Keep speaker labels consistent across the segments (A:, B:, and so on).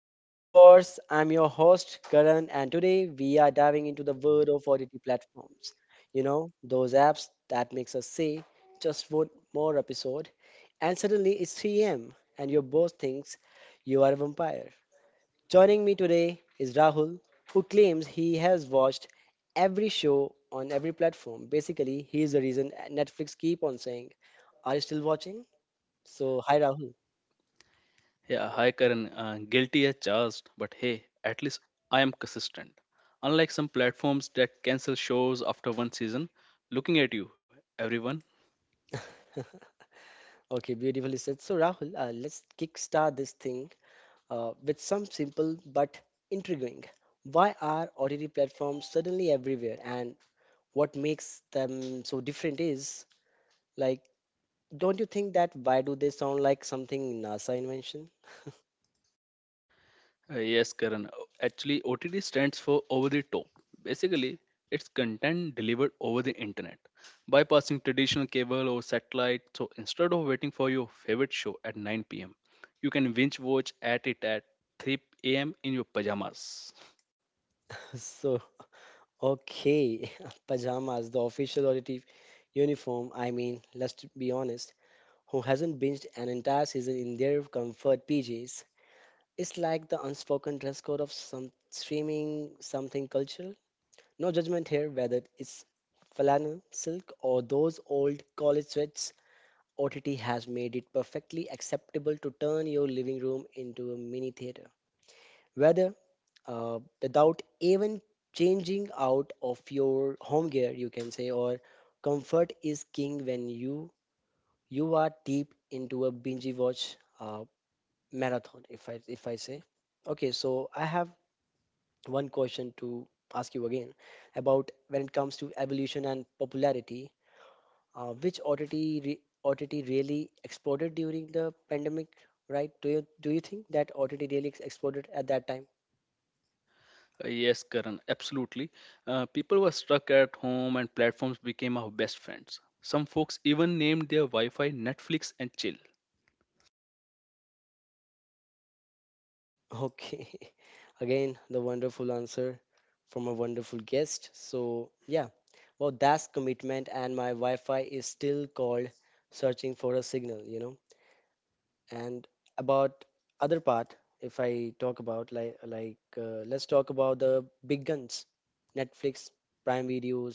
A: to Streaming Wars. I'm your host, Karan, and today we are diving into the world of OTT platforms. You know, those apps that makes us say, just one more episode, and suddenly it's 3 a.m. and your boss thinks you are a vampire. Joining me today is Rahul, who claims he has watched every show on every platform. Basically, he is the reason Netflix keep on saying, are you still watching? So, hi Rahul.
B: Yeah, hi Karan. Guilty as charged, but hey, at least I am consistent. Unlike some platforms that cancel shows after one season, looking at you, everyone.
A: Okay, beautifully said. So Rahul, let's kickstart this thing, with some simple but intriguing. Why are OTT platforms suddenly everywhere, and what makes them so different is like, don't you think that why do they sound like something NASA invention?
B: Yes, Karan. Actually, OTT stands for over the top. Basically, it's content delivered over the internet, bypassing traditional cable or satellite. So instead of waiting for your favorite show at 9 p.m., you can binge watch at it at 3 a.m. in your pajamas.
A: so, okay, pajamas, the official OTT uniform. I mean, let's be honest, who hasn't binged an entire season in their comfort PJs? It's like the unspoken dress code of some streaming something culture. No judgment here whether it's flannel, silk, or those old college sweats. OTT has made it perfectly acceptable to turn your living room into a mini theater. Whether without even changing out of your home gear, you can say, or comfort is king when you are deep into a binge watch marathon. If I say, okay, so I have one question to ask you again about when it comes to evolution and popularity, which OTT really exploded during the pandemic, right? Do you think that OTT really exploded at that time?
B: Yes, Karan, absolutely. People were stuck at home and platforms became our best friends. Some folks even named their Wi Fi Netflix and chill.
A: Okay, again the wonderful answer from a wonderful guest. So yeah, well that's commitment, and my Wi-Fi is still called searching for a signal, you know. And about other part, if I talk about let's talk about the big guns: Netflix, Prime Videos,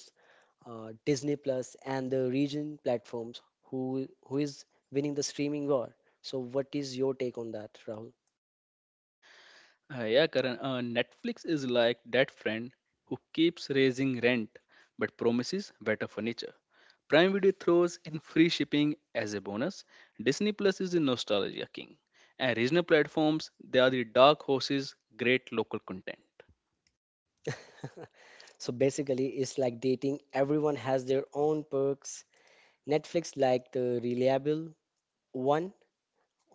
A: Disney Plus and the region platforms. Who is winning the streaming war? So what is your take on that, Rahul?
B: Yeah, Karan, Netflix is like that friend who keeps raising rent but promises better furniture. Prime Video throws in free shipping as a bonus. Disney Plus is the nostalgia king. And regional platforms, they are the dark horses, great local content.
A: So basically it's like dating, everyone has their own perks. Netflix like the reliable one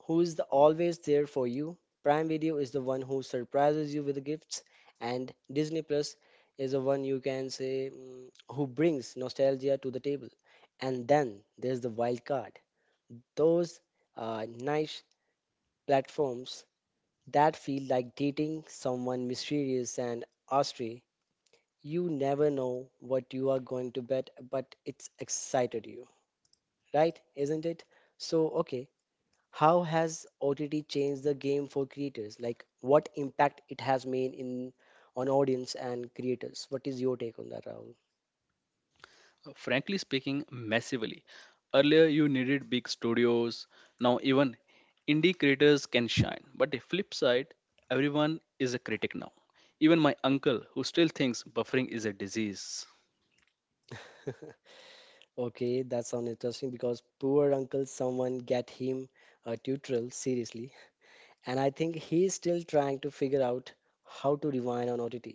A: who is the always there for you. Prime Video is the one who surprises you with the gifts, and Disney Plus is the one you can say, mm, who brings nostalgia to the table. And then there's the wild card. Those niche platforms that feel like dating someone mysterious and austere. You never know what you are going to bet, but it's excited you, right? Isn't it? So, okay, how has OTT changed the game for creators? Like, what impact it has made in on audience and creators? What is your take on that, Rahul?
B: Frankly speaking, massively. Earlier, you needed big studios. Now, even indie creators can shine. But the flip side, everyone is a critic now. Even my uncle, who still thinks buffering is a disease.
A: Okay, that sounds interesting because poor uncle, someone get him a tutorial seriously, and I think he's still trying to figure out how to rewind on OTT.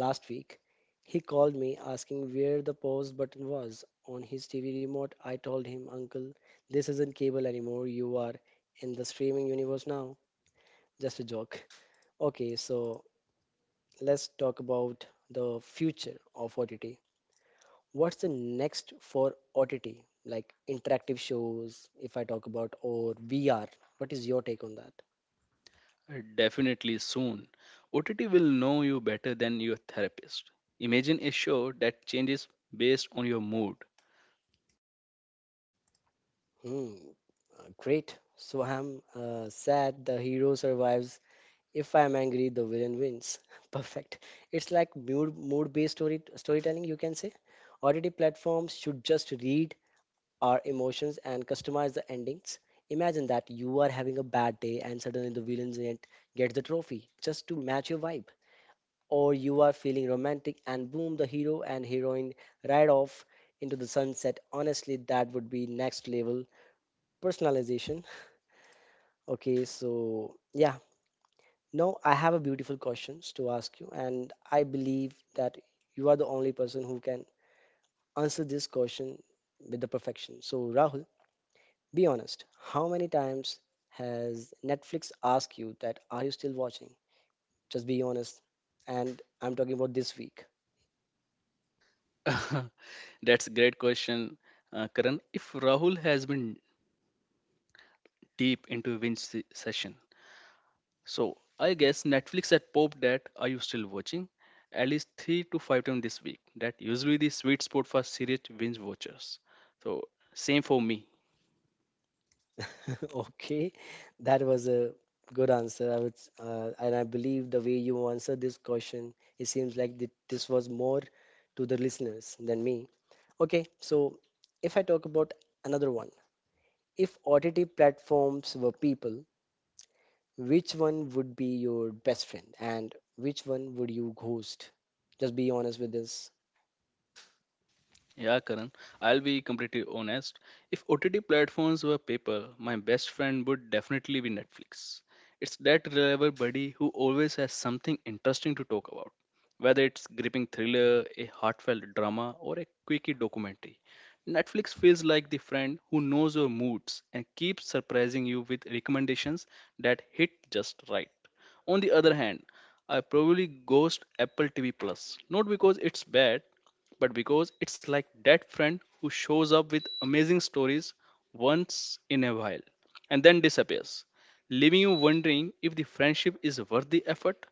A: Last week, he called me asking where the pause button was on his TV remote. I told him, Uncle, this isn't cable anymore. You are in the streaming universe now. Just a joke. Okay, so let's talk about the future of OTT. What's the next for OTT? Like interactive shows, if I talk about, or VR. What is your take on that?
B: Definitely soon, OTT will know you better than your therapist. Imagine a show that changes based on your mood.
A: Hmm, great. So I'm sad the hero survives. If I'm angry, the villain wins. Perfect. It's like mood based storytelling, you can say. OTT platforms should just read our emotions and customize the endings. Imagine that you are having a bad day and suddenly the villain gent gets the trophy just to match your vibe. Or you are feeling romantic and boom, the hero and heroine ride off into the sunset. Honestly, that would be next level personalization. Okay, so yeah, now I have a beautiful questions to ask you, and I believe that you are the only person who can answer this question with the perfection. So Rahul, be honest, how many times has Netflix asked you that are you still watching? Just be honest. And I'm talking about this week.
B: That's a great question, Karan. If Rahul has been deep into session, so I guess Netflix had popped that are you still watching at least three to five times this week. That usually the sweet spot for serious binge watchers. So same for me.
A: Okay, that was a good answer. I would, and I believe the way you answered this question, it seems like this was more to the listeners than me. Okay, so if I talk about another one, if OTT platforms were people, which one would be your best friend and which one would you ghost? Just be honest with this.
B: Yeah, Karan, I'll be completely honest. If OTT platforms were paper, my best friend would definitely be Netflix. It's that reliable buddy who always has something interesting to talk about, whether it's gripping thriller, a heartfelt drama, or a quickie documentary. Netflix feels like the friend who knows your moods and keeps surprising you with recommendations that hit just right. On the other hand, I probably ghost Apple TV Plus. Not because it's bad, but because it's like that friend who shows up with amazing stories once in a while and then disappears, leaving you wondering if the friendship is worth the effort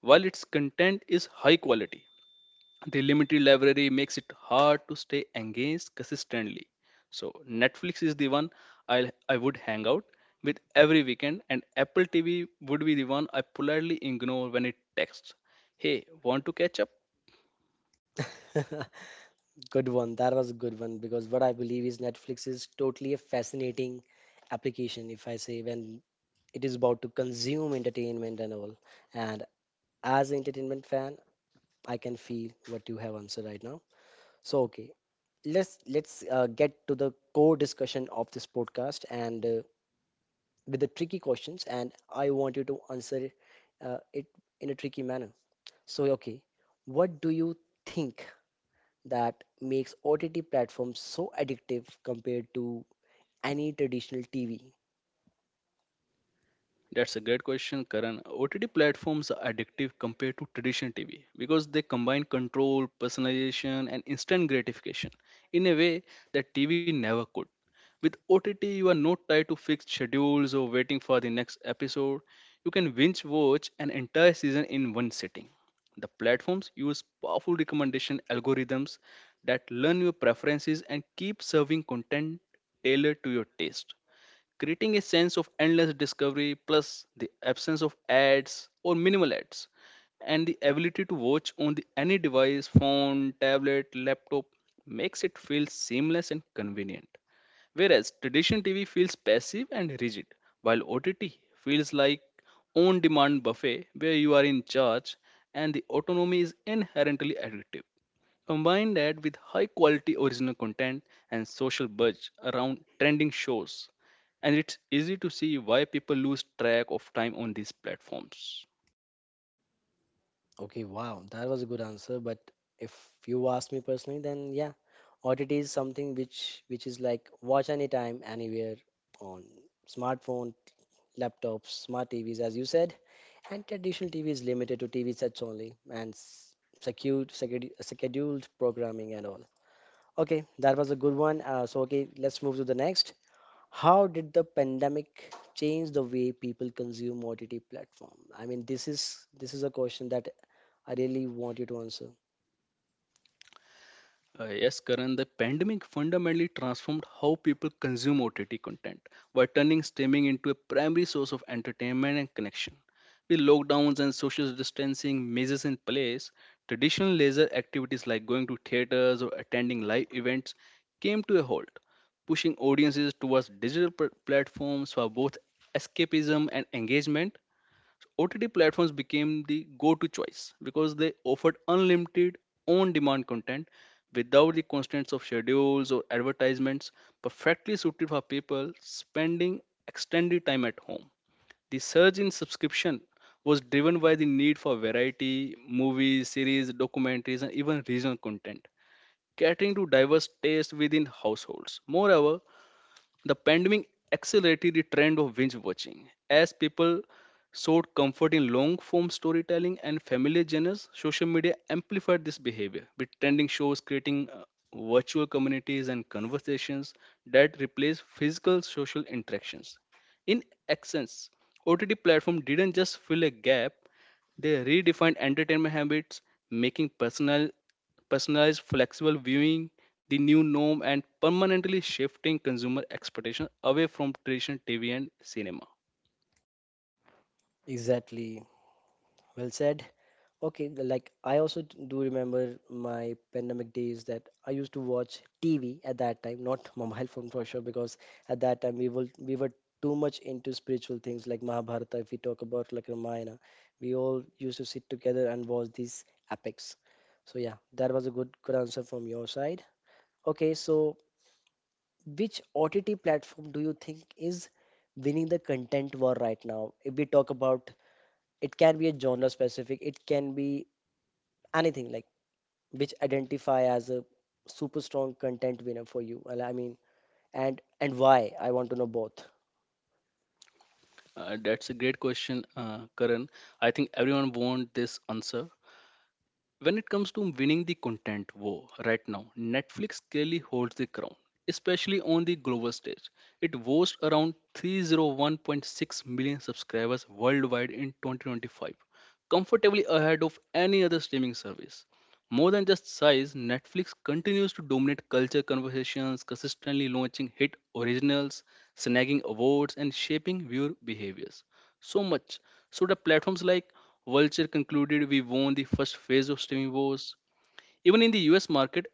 B: while its content is high quality, the limited library makes it hard to stay engaged consistently. So Netflix is the one i I would hang out with every weekend, and Apple TV would be the one I politely ignore when it texts, hey, want to catch up?
A: Good one. That was a good one because what I believe is Netflix is totally a fascinating application, if I say, when it is about to consume entertainment and all. And as an entertainment fan, I can feel what you have answered right now. So, okay, let's get to the core discussion of this podcast and, with the tricky questions, and I want you to answer it in a tricky manner. So, okay, what do you think that makes OTT platforms so addictive compared to any traditional TV?
B: That's a great question, Karan. OTT platforms are addictive compared to traditional TV because they combine control, personalization, and instant gratification in a way that TV never could. With OTT, you are not tied to fixed schedules or waiting for the next episode. You can binge watch an entire season in one sitting. The platforms use powerful recommendation algorithms that learn your preferences and keep serving content tailored to your taste, creating a sense of endless discovery. Plus the absence of ads or minimal ads and the ability to watch on the, any device, phone, tablet, laptop, makes it feel seamless and convenient, whereas traditional TV feels passive and rigid, while OTT feels like on demand buffet where you are in charge, and the autonomy is inherently addictive. Combine that with high quality original content and social buzz around trending shows, and it's easy to see why people lose track of time on these platforms.
A: Okay, wow, that was a good answer. But if you ask me personally, then yeah, OTT is something which is like watch anytime, anywhere on smartphone, laptops, smart TVs, as you said, and traditional TV is limited to TV sets only and secured, scheduled programming and all. Okay, that was a good one. So, okay, let's move to the next. How did the pandemic change the way people consume OTT platform? I mean, this is a question that I really want you to answer.
B: Yes, Karan, the pandemic fundamentally transformed how people consume OTT content by turning streaming into a primary source of entertainment and connection. With lockdowns and social distancing measures in place, traditional leisure activities like going to theaters or attending live events came to a halt, pushing audiences towards digital platforms for both escapism and engagement. OTT platforms became the go to choice because they offered unlimited on demand content without the constraints of schedules or advertisements, perfectly suited for people spending extended time at home. The surge in subscription was driven by the need for variety, movies, series, documentaries, and even regional content, catering to diverse tastes within households. Moreover, the pandemic accelerated the trend of binge watching as people sought comfort in long form storytelling and familiar genres. Social media amplified this behavior, with trending shows creating virtual communities and conversations that replace physical social interactions. In essence, OTT platform didn't just fill a gap; they redefined entertainment habits, making personalized flexible viewing, the new norm, and permanently shifting consumer expectations away from traditional TV and cinema.
A: Exactly. Well said. Okay, like I also do remember my pandemic days that I used to watch TV at that time, not mobile phone for sure, because at that time we were too much into spiritual things like Mahabharata. If we talk about like Ramayana, we all used to sit together and watch these epics. So yeah, that was a good answer from your side. Okay, so which OTT platform do you think is winning the content war right now? If we talk about, it can be a genre specific, it can be anything like which identify as a super strong content winner for you. Well, I mean, and why, I want to know both.
B: That's a great question, Karan. I think everyone wants this answer. When it comes to winning the content war right now, Netflix clearly holds the crown, especially on the global stage. It boasts around 301.6 million subscribers worldwide in 2025, comfortably ahead of any other streaming service. More than just size, Netflix continues to dominate culture conversations, consistently launching hit originals, snagging awards, and shaping viewer behaviors so much. So the platforms like Vulture concluded we won the first phase of streaming wars. Even in the US market,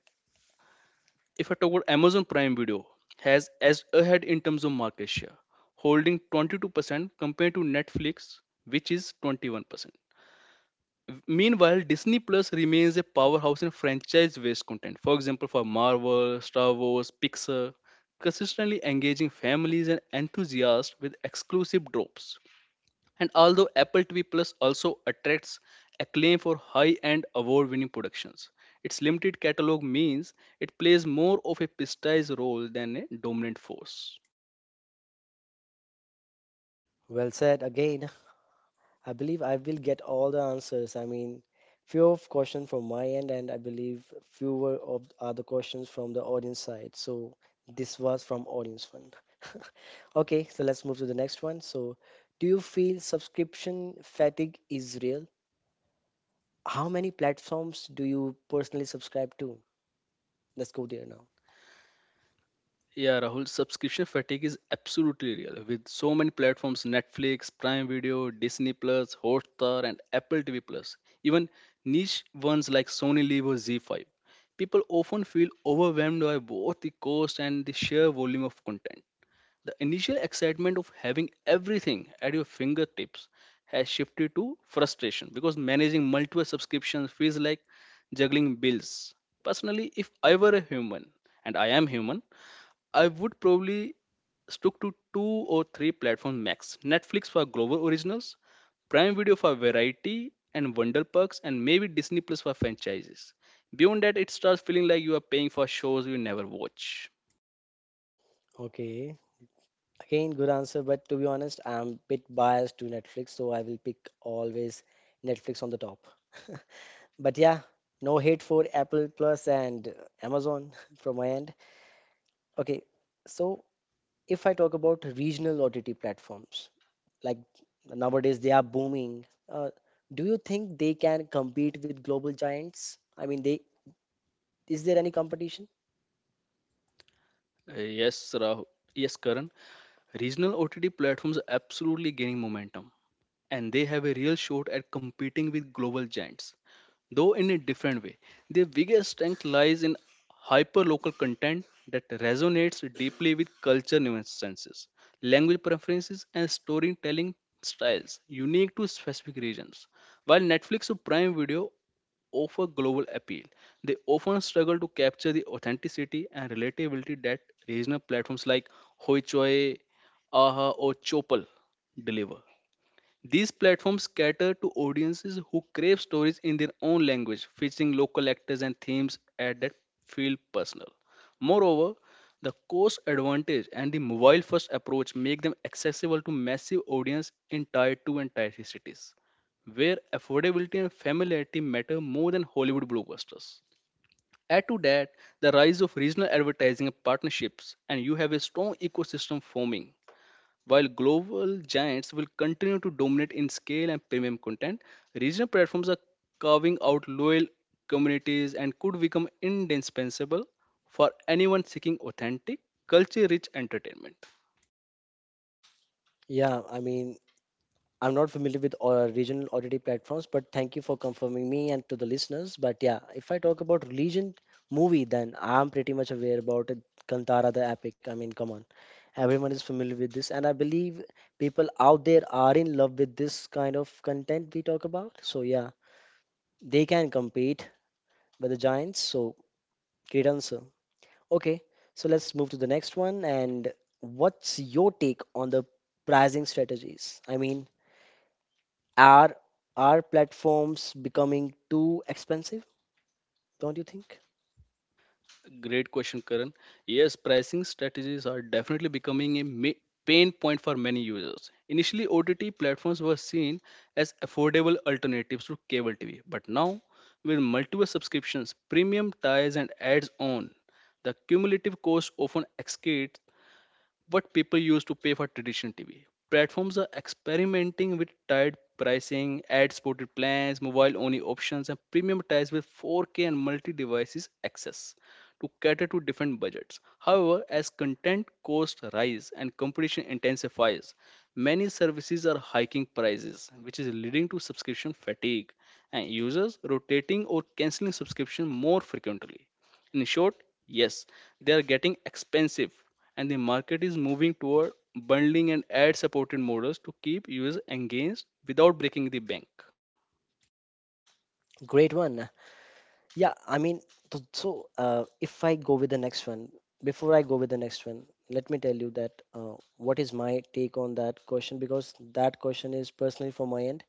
B: if I talk about Amazon Prime Video, has as ahead in terms of market share, holding 22% compared to Netflix, which is 21%. Meanwhile, Disney Plus remains a powerhouse in franchise-based content. For example, for Marvel, Star Wars, Pixar, consistently engaging families and enthusiasts with exclusive drops. And although Apple TV Plus also attracts acclaim for high end award winning productions, its limited catalog means it plays more of a prestige role than a dominant force.
A: Well said again. I believe I will get all the answers. I mean, few of question from my end and I believe fewer of other questions from the audience side, so this was from audience one. Okay, so let's move to the next one. So do you feel subscription fatigue is real? How many platforms do you personally subscribe to? Let's go there now.
B: Yeah, Rahul, subscription fatigue is absolutely real. With so many platforms, Netflix, Prime Video, Disney Plus, Hotstar, and Apple TV Plus, even niche ones like Sony Live or Z5, people often feel overwhelmed by both the cost and the sheer volume of content. The initial excitement of having everything at your fingertips has shifted to frustration because managing multiple subscriptions feels like juggling bills. Personally, if I were a human, and I am human, I would probably stuck to two or three platforms max, Netflix for global originals, Prime Video for variety and wonder perks, and maybe Disney Plus for franchises. Beyond that, it starts feeling like you are paying for shows you never watch.
A: Okay, again, good answer, but to be honest, I'm a bit biased to Netflix, so I will pick always Netflix on the top. But yeah, no hate for Apple Plus and Amazon from my end. Okay, so if I talk about regional OTT platforms, like nowadays they are booming, do you think they can compete with global giants? I mean, they, is there any competition?
B: Yes, Karan. Regional OTT platforms are absolutely gaining momentum, and they have a real shot at competing with global giants though in a different way. Their biggest strength lies in hyperlocal content that resonates deeply with culture nuances, language preferences, and storytelling styles unique to specific regions. While Netflix or Prime Video offer global appeal, they often struggle to capture the authenticity and relatability that regional platforms like Hoichoi, Aha, or Chopal deliver. These platforms cater to audiences who crave stories in their own language, featuring local actors and themes at that feel personal. Moreover, the cost advantage and the mobile first approach make them accessible to massive audience in tier 2 and tier 3 cities, where affordability and familiarity matter more than Hollywood blockbusters. Add to that the rise of regional advertising partnerships, and you have a strong ecosystem forming. While global giants will continue to dominate in scale and premium content, regional platforms are carving out loyal communities and could become indispensable for anyone seeking authentic, culture rich entertainment.
A: Yeah, I mean, I'm not familiar with regional OTT platforms, but thank you for confirming me and to the listeners. But yeah, if I talk about religion movie, then I'm pretty much aware about it. Kantara the Epic. I mean, come on, everyone is familiar with this, and I believe people out there are in love with this kind of content we talk about. So yeah, they can compete with the giants. So great answer. Okay, so let's move to the next one. And what's your take on the pricing strategies? I mean, Are are platforms becoming too expensive? Don't you think?
B: Great question, Karan. Yes, pricing strategies are definitely becoming a pain point for many users. Initially, OTT platforms were seen as affordable alternatives to cable TV, but now, with multiple subscriptions, premium ties, and ads on, the cumulative cost often exceeds what people used to pay for traditional TV. Platforms are experimenting with tiered pricing, ad supported plans, mobile only options, and premium ties with 4K and multi devices access to cater to different budgets. However, as content costs rise and competition intensifies, many services are hiking prices, which is leading to subscription fatigue and users rotating or canceling subscription more frequently. In short, yes, they are getting expensive, and the market is moving toward bundling and ad supported models to keep users engaged without breaking the bank.
A: Great one. Yeah, I mean, so if I go with the next one, before I go with the next one, let me tell you that, what is my take on that question, because that question is personally from my end.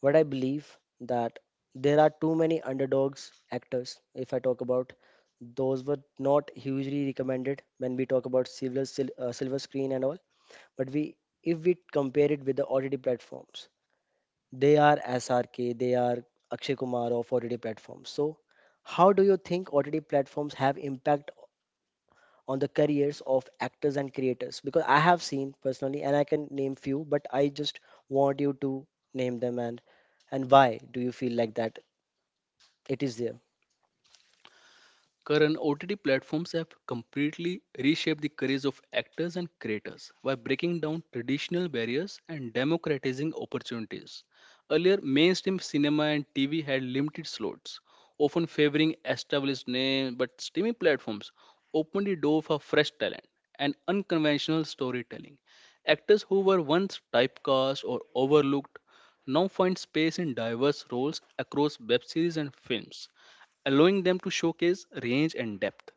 A: What I believe that there are too many underdogs actors. If I talk about those were not hugely recommended when we talk about silver screen and all, but we, if we compare it with the OTT platforms, they are SRK, they are Akshay Kumar of OTT platforms. So, how do you think OTT platforms have impact on the careers of actors and creators? Because I have seen personally, and I can name few, but I just want you to name them, and why do you feel like that? It is there.
B: Current OTT platforms have completely reshaped the careers of actors and creators by breaking down traditional barriers and democratizing opportunities. Earlier, mainstream cinema and TV had limited slots, often favoring established names, but streaming platforms opened the door for fresh talent and unconventional storytelling. Actors who were once typecast or overlooked now find space in diverse roles across web series and films, allowing them to showcase range and depth.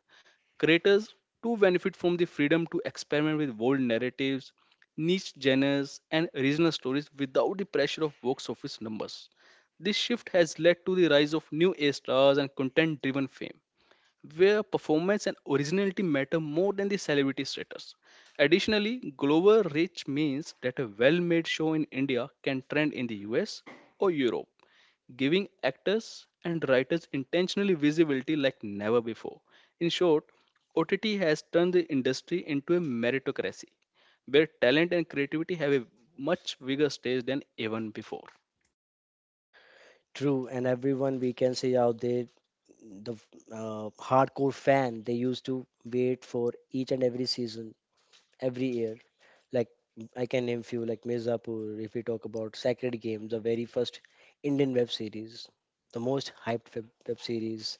B: Creators too benefit from the freedom to experiment with bold narratives, niche genres, and regional stories without the pressure of box office numbers. This shift has led to the rise of new A stars and content driven fame, where performance and originality matter more than the celebrity status. Additionally, global reach means that a well made show in India can trend in the US or Europe, giving actors and writers intentionally visibility like never before. In short, OTT has turned the industry into a meritocracy where talent and creativity have a much bigger stage than even before.
A: True, and everyone we can see out there, the, hardcore fan, they used to wait for each and every season, every year, like I can name few like Mirzapur. If we talk about Sacred Games, the very first Indian web series, the most hyped web series,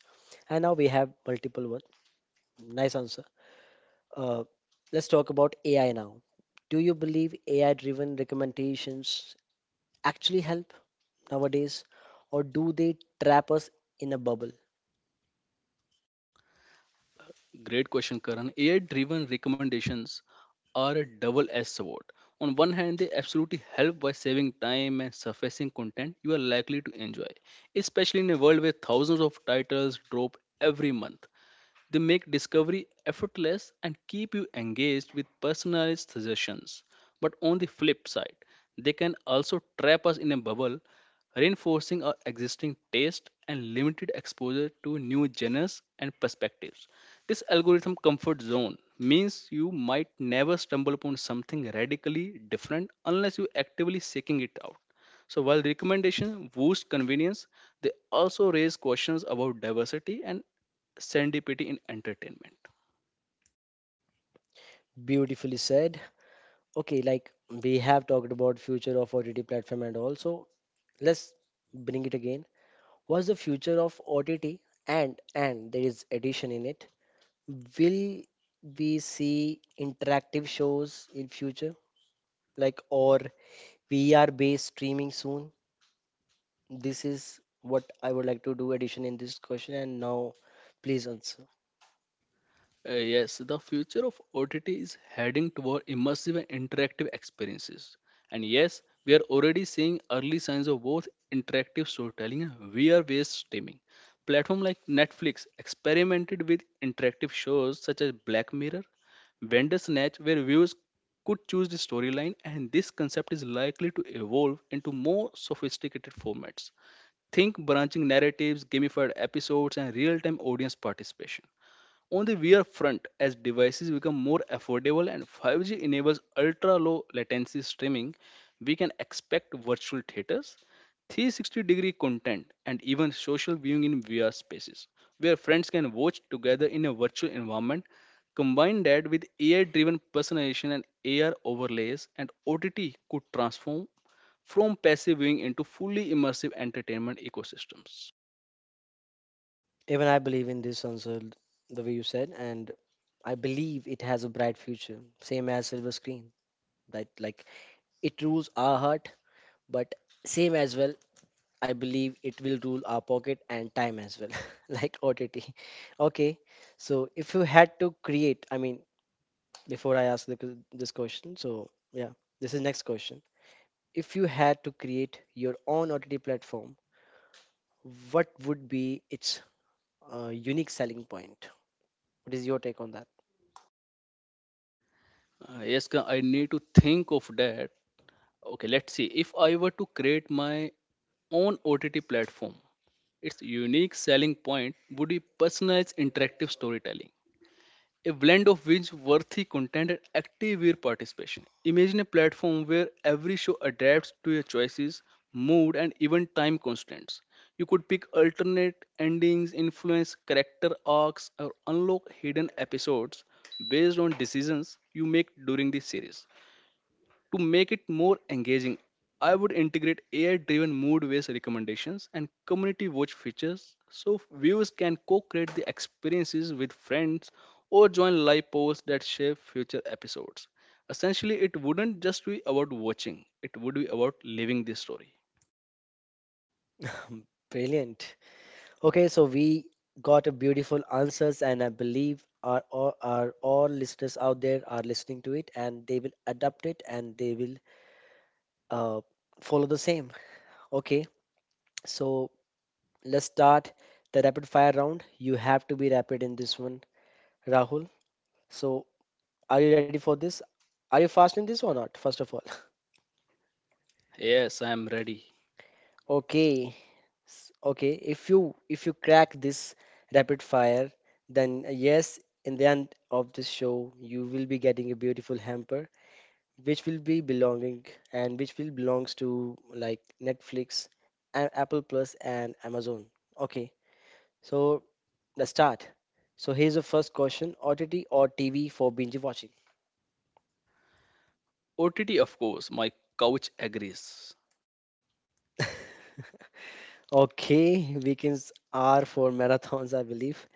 A: and now we have multiple one. Nice answer. Uh, let's talk about AI now. Do you believe AI-driven recommendations actually help nowadays, or do they trap us in a bubble?
B: Great question, Karan. AI driven recommendations are a double edged sword. On one hand, they absolutely help by saving time and surfacing content you are likely to enjoy, especially in a world where thousands of titles drop every month. They make discovery effortless and keep you engaged with personalized suggestions. But on the flip side, they can also trap us in a bubble, reinforcing our existing taste and limited exposure to new genres and perspectives. This algorithm comfort zone means you might never stumble upon something radically different unless you actively seeking it out. So while recommendations boost convenience, they also raise questions about diversity and serendipity in entertainment.
A: Beautifully said. Okay, like we have talked about future of OTT platform and also let's bring it again. What's the future of OTT? And there is addition in it. Will we see interactive shows in future, like or VR based streaming soon? This is what I would like to do addition in this question. And now, please answer.
B: Yes, the future of OTT is heading toward immersive and interactive experiences. And yes, we are already seeing early signs of both interactive storytelling and VR-based streaming. Platforms like Netflix experimented with interactive shows such as Black Mirror, Bandersnatch, where viewers could choose the storyline, and this concept is likely to evolve into more sophisticated formats. Think branching narratives, gamified episodes, and real-time audience participation. On the wear front, as devices become more affordable and 5G enables ultra low latency streaming, we can expect virtual theaters, 360-degree content, and even social viewing in VR spaces, where friends can watch together in a virtual environment. Combine that with AI driven personalization and AR overlays, and OTT could transform from passive viewing into fully immersive entertainment ecosystems.
A: Even I believe in this answer, the way you said, and I believe it has a bright future. Same as silver screen, that like it rules our heart, but same as well I believe it will rule our pocket and time as well, like OTT. Okay, so if you had to create, I mean, before I ask this question, so yeah, this is next question. If you had to create your own OTT platform, what would be its unique selling point? What is your take on that?
B: Yes, Ka, I need to think of that. Okay, let's see. If I were to create my own OTT platform, its unique selling point would be personalized interactive storytelling, a blend of which worthy content and active viewer participation. Imagine a platform where every show adapts to your choices, mood, and even time constraints. You could pick alternate endings, influence character arcs, or unlock hidden episodes based on decisions you make during the series. To make it more engaging, I would integrate AI driven mood based recommendations and community watch features so viewers can co create the experiences with friends or join live polls that shape future episodes. Essentially, it wouldn't just be about watching, it would be about living the story.
A: Brilliant. Okay, so we got a beautiful answers, and I believe our all listeners out there are listening to it, and they will adapt it, and they will uh, follow the same. Okay, so let's start the rapid fire round. You have to be rapid in this one, Rahul. So, are you ready for this? Are you fast in this or not? First of all,
B: Yes, I am ready.
A: okay, okay. If you crack this rapid fire, then yes, in the end of this show, you will be getting a beautiful hamper, which will be belonging and which will belongs to like Netflix, Apple Plus, and Amazon. Okay, so let's start. So here's the first question: OTT or TV for binge watching?
B: OTT, of course, my couch agrees.
A: Okay, weekends are for marathons, I believe.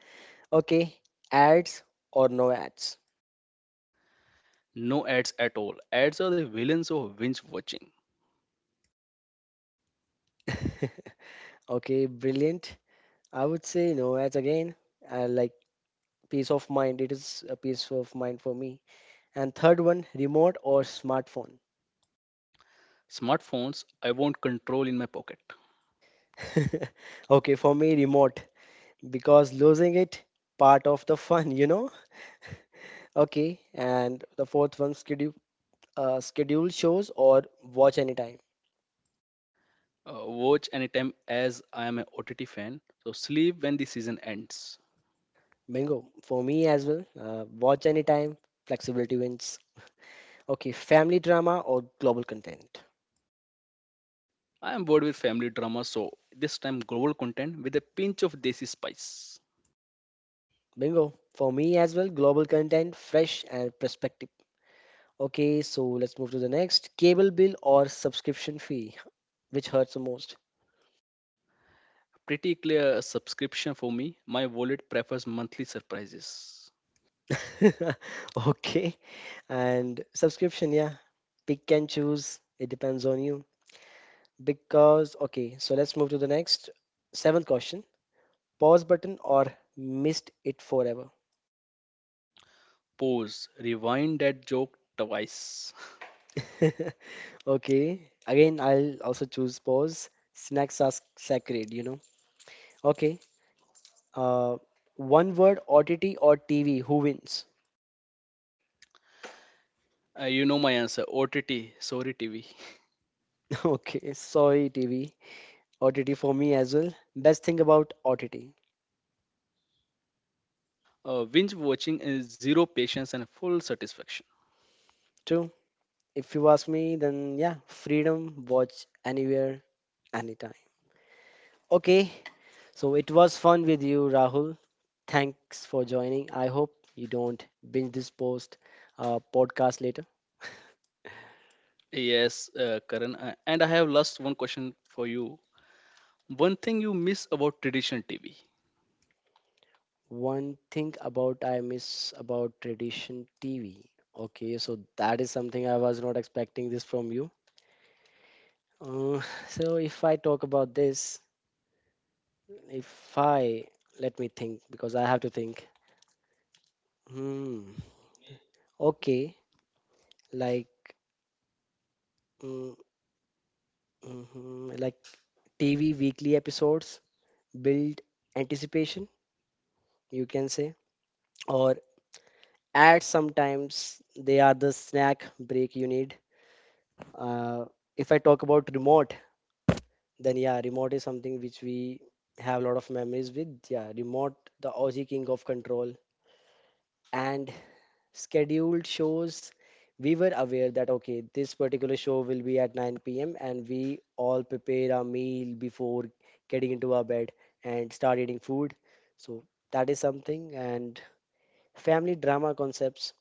A: Okay, ads or no ads?
B: No ads at all. Ads are the villains of binge watching.
A: Okay, brilliant. I would say no ads again. I like peace of mind. It is a peace of mind for me. And third one, remote or smartphone?
B: Smartphones, I want control in my pocket.
A: Okay, for me, remote because losing it part of the fun, you know? Okay, and the fourth one, schedule shows or watch anytime?
B: Watch anytime as I am an OTT fan. So sleep when the season ends.
A: Bingo. For me as well, watch anytime, flexibility wins. Okay, family drama or global content?
B: I am bored with family drama, so this time global content with a pinch of desi spice.
A: Bingo. For me as well, global content, fresh and perspective. Okay, so let's move to the next. Cable bill or subscription fee? Which hurts the most?
B: Pretty clear subscription for me. My wallet prefers monthly surprises.
A: Okay, and subscription, yeah. Pick and choose. It depends on you. Because, okay, so let's move to the next seventh question. Pause button or missed it forever.
B: Pause. Rewind that joke twice.
A: Okay. Again, I'll also choose pause. Snacks are sacred. Okay. Uh, One word, OTT or TV. Who wins?
B: You know my answer. OTT. Sorry, TV.
A: Okay. Sorry, TV. OTT for me as well. Best thing about OTT.
B: Binge watching is zero patience and full satisfaction.
A: True. If you ask me, then yeah, freedom, watch anywhere, anytime. Okay. So it was fun with you, Rahul. Thanks for joining. I hope you don't binge this post podcast later.
B: Yes, Karan. And I have last one question for you. One thing you miss about traditional TV.
A: One thing about I miss about tradition TV. Okay, so that is something I was not expecting this from you. Uh, so if I talk about this, if I let me think because I have to think. Hmm. Okay, like mm, mhm, like TV weekly episodes build anticipation, you can say. Or ads sometimes they are the snack break you need. uh, if I talk about remote, then yeah, remote is something which we have a lot of memories with. Yeah, remote, the Aussie king of control. And scheduled shows, we were aware that okay, this particular show will be at 9 p.m., and we all prepare our meal before getting into our bed and start eating food. So that is something. And family drama concepts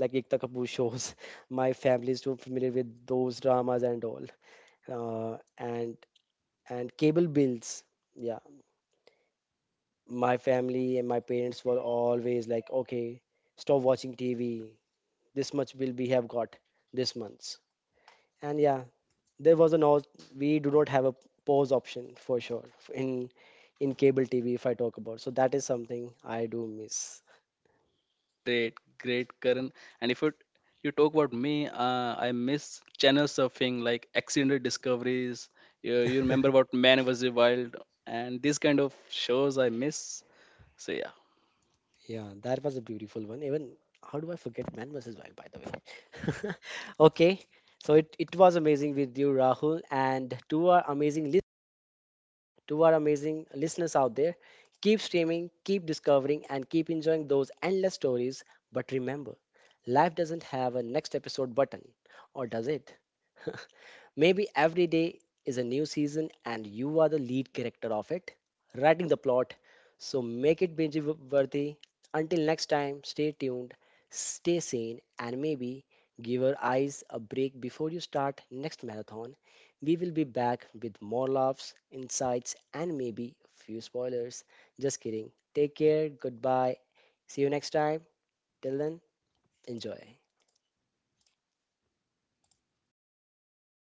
A: like Ekta Kapoor shows. My family is too familiar with those dramas and all. Uh, and and cable bills. Yeah, my family and my parents were always like, okay, stop watching TV. This much bill we have got this month. And yeah, there was a no. We do not have a pause option for sure in in cable TV if I talk about. So that is something I do miss.
B: Great, great, Karan. And if you talk about me, I miss channel surfing, like accidental discoveries. You remember about Man vs Wild and these kind of shows I miss. So yeah,
A: Yeah, that was a beautiful one. Even how do I forget Man versus Wild, by the way? Okay, so it was amazing with you, Rahul, and to our amazing listeners out there, keep streaming, keep discovering, and keep enjoying those endless stories. But remember, life doesn't have a next episode button, or does it? Maybe every day is a new season and you are the lead character of it, writing the plot. So make it binge worthy. Until next time, stay tuned, stay sane, and maybe give our eyes a break before you start next marathon. We will be back with more laughs, insights, and maybe a few spoilers. Just kidding. Take care. Goodbye. See you next time. Till then, enjoy.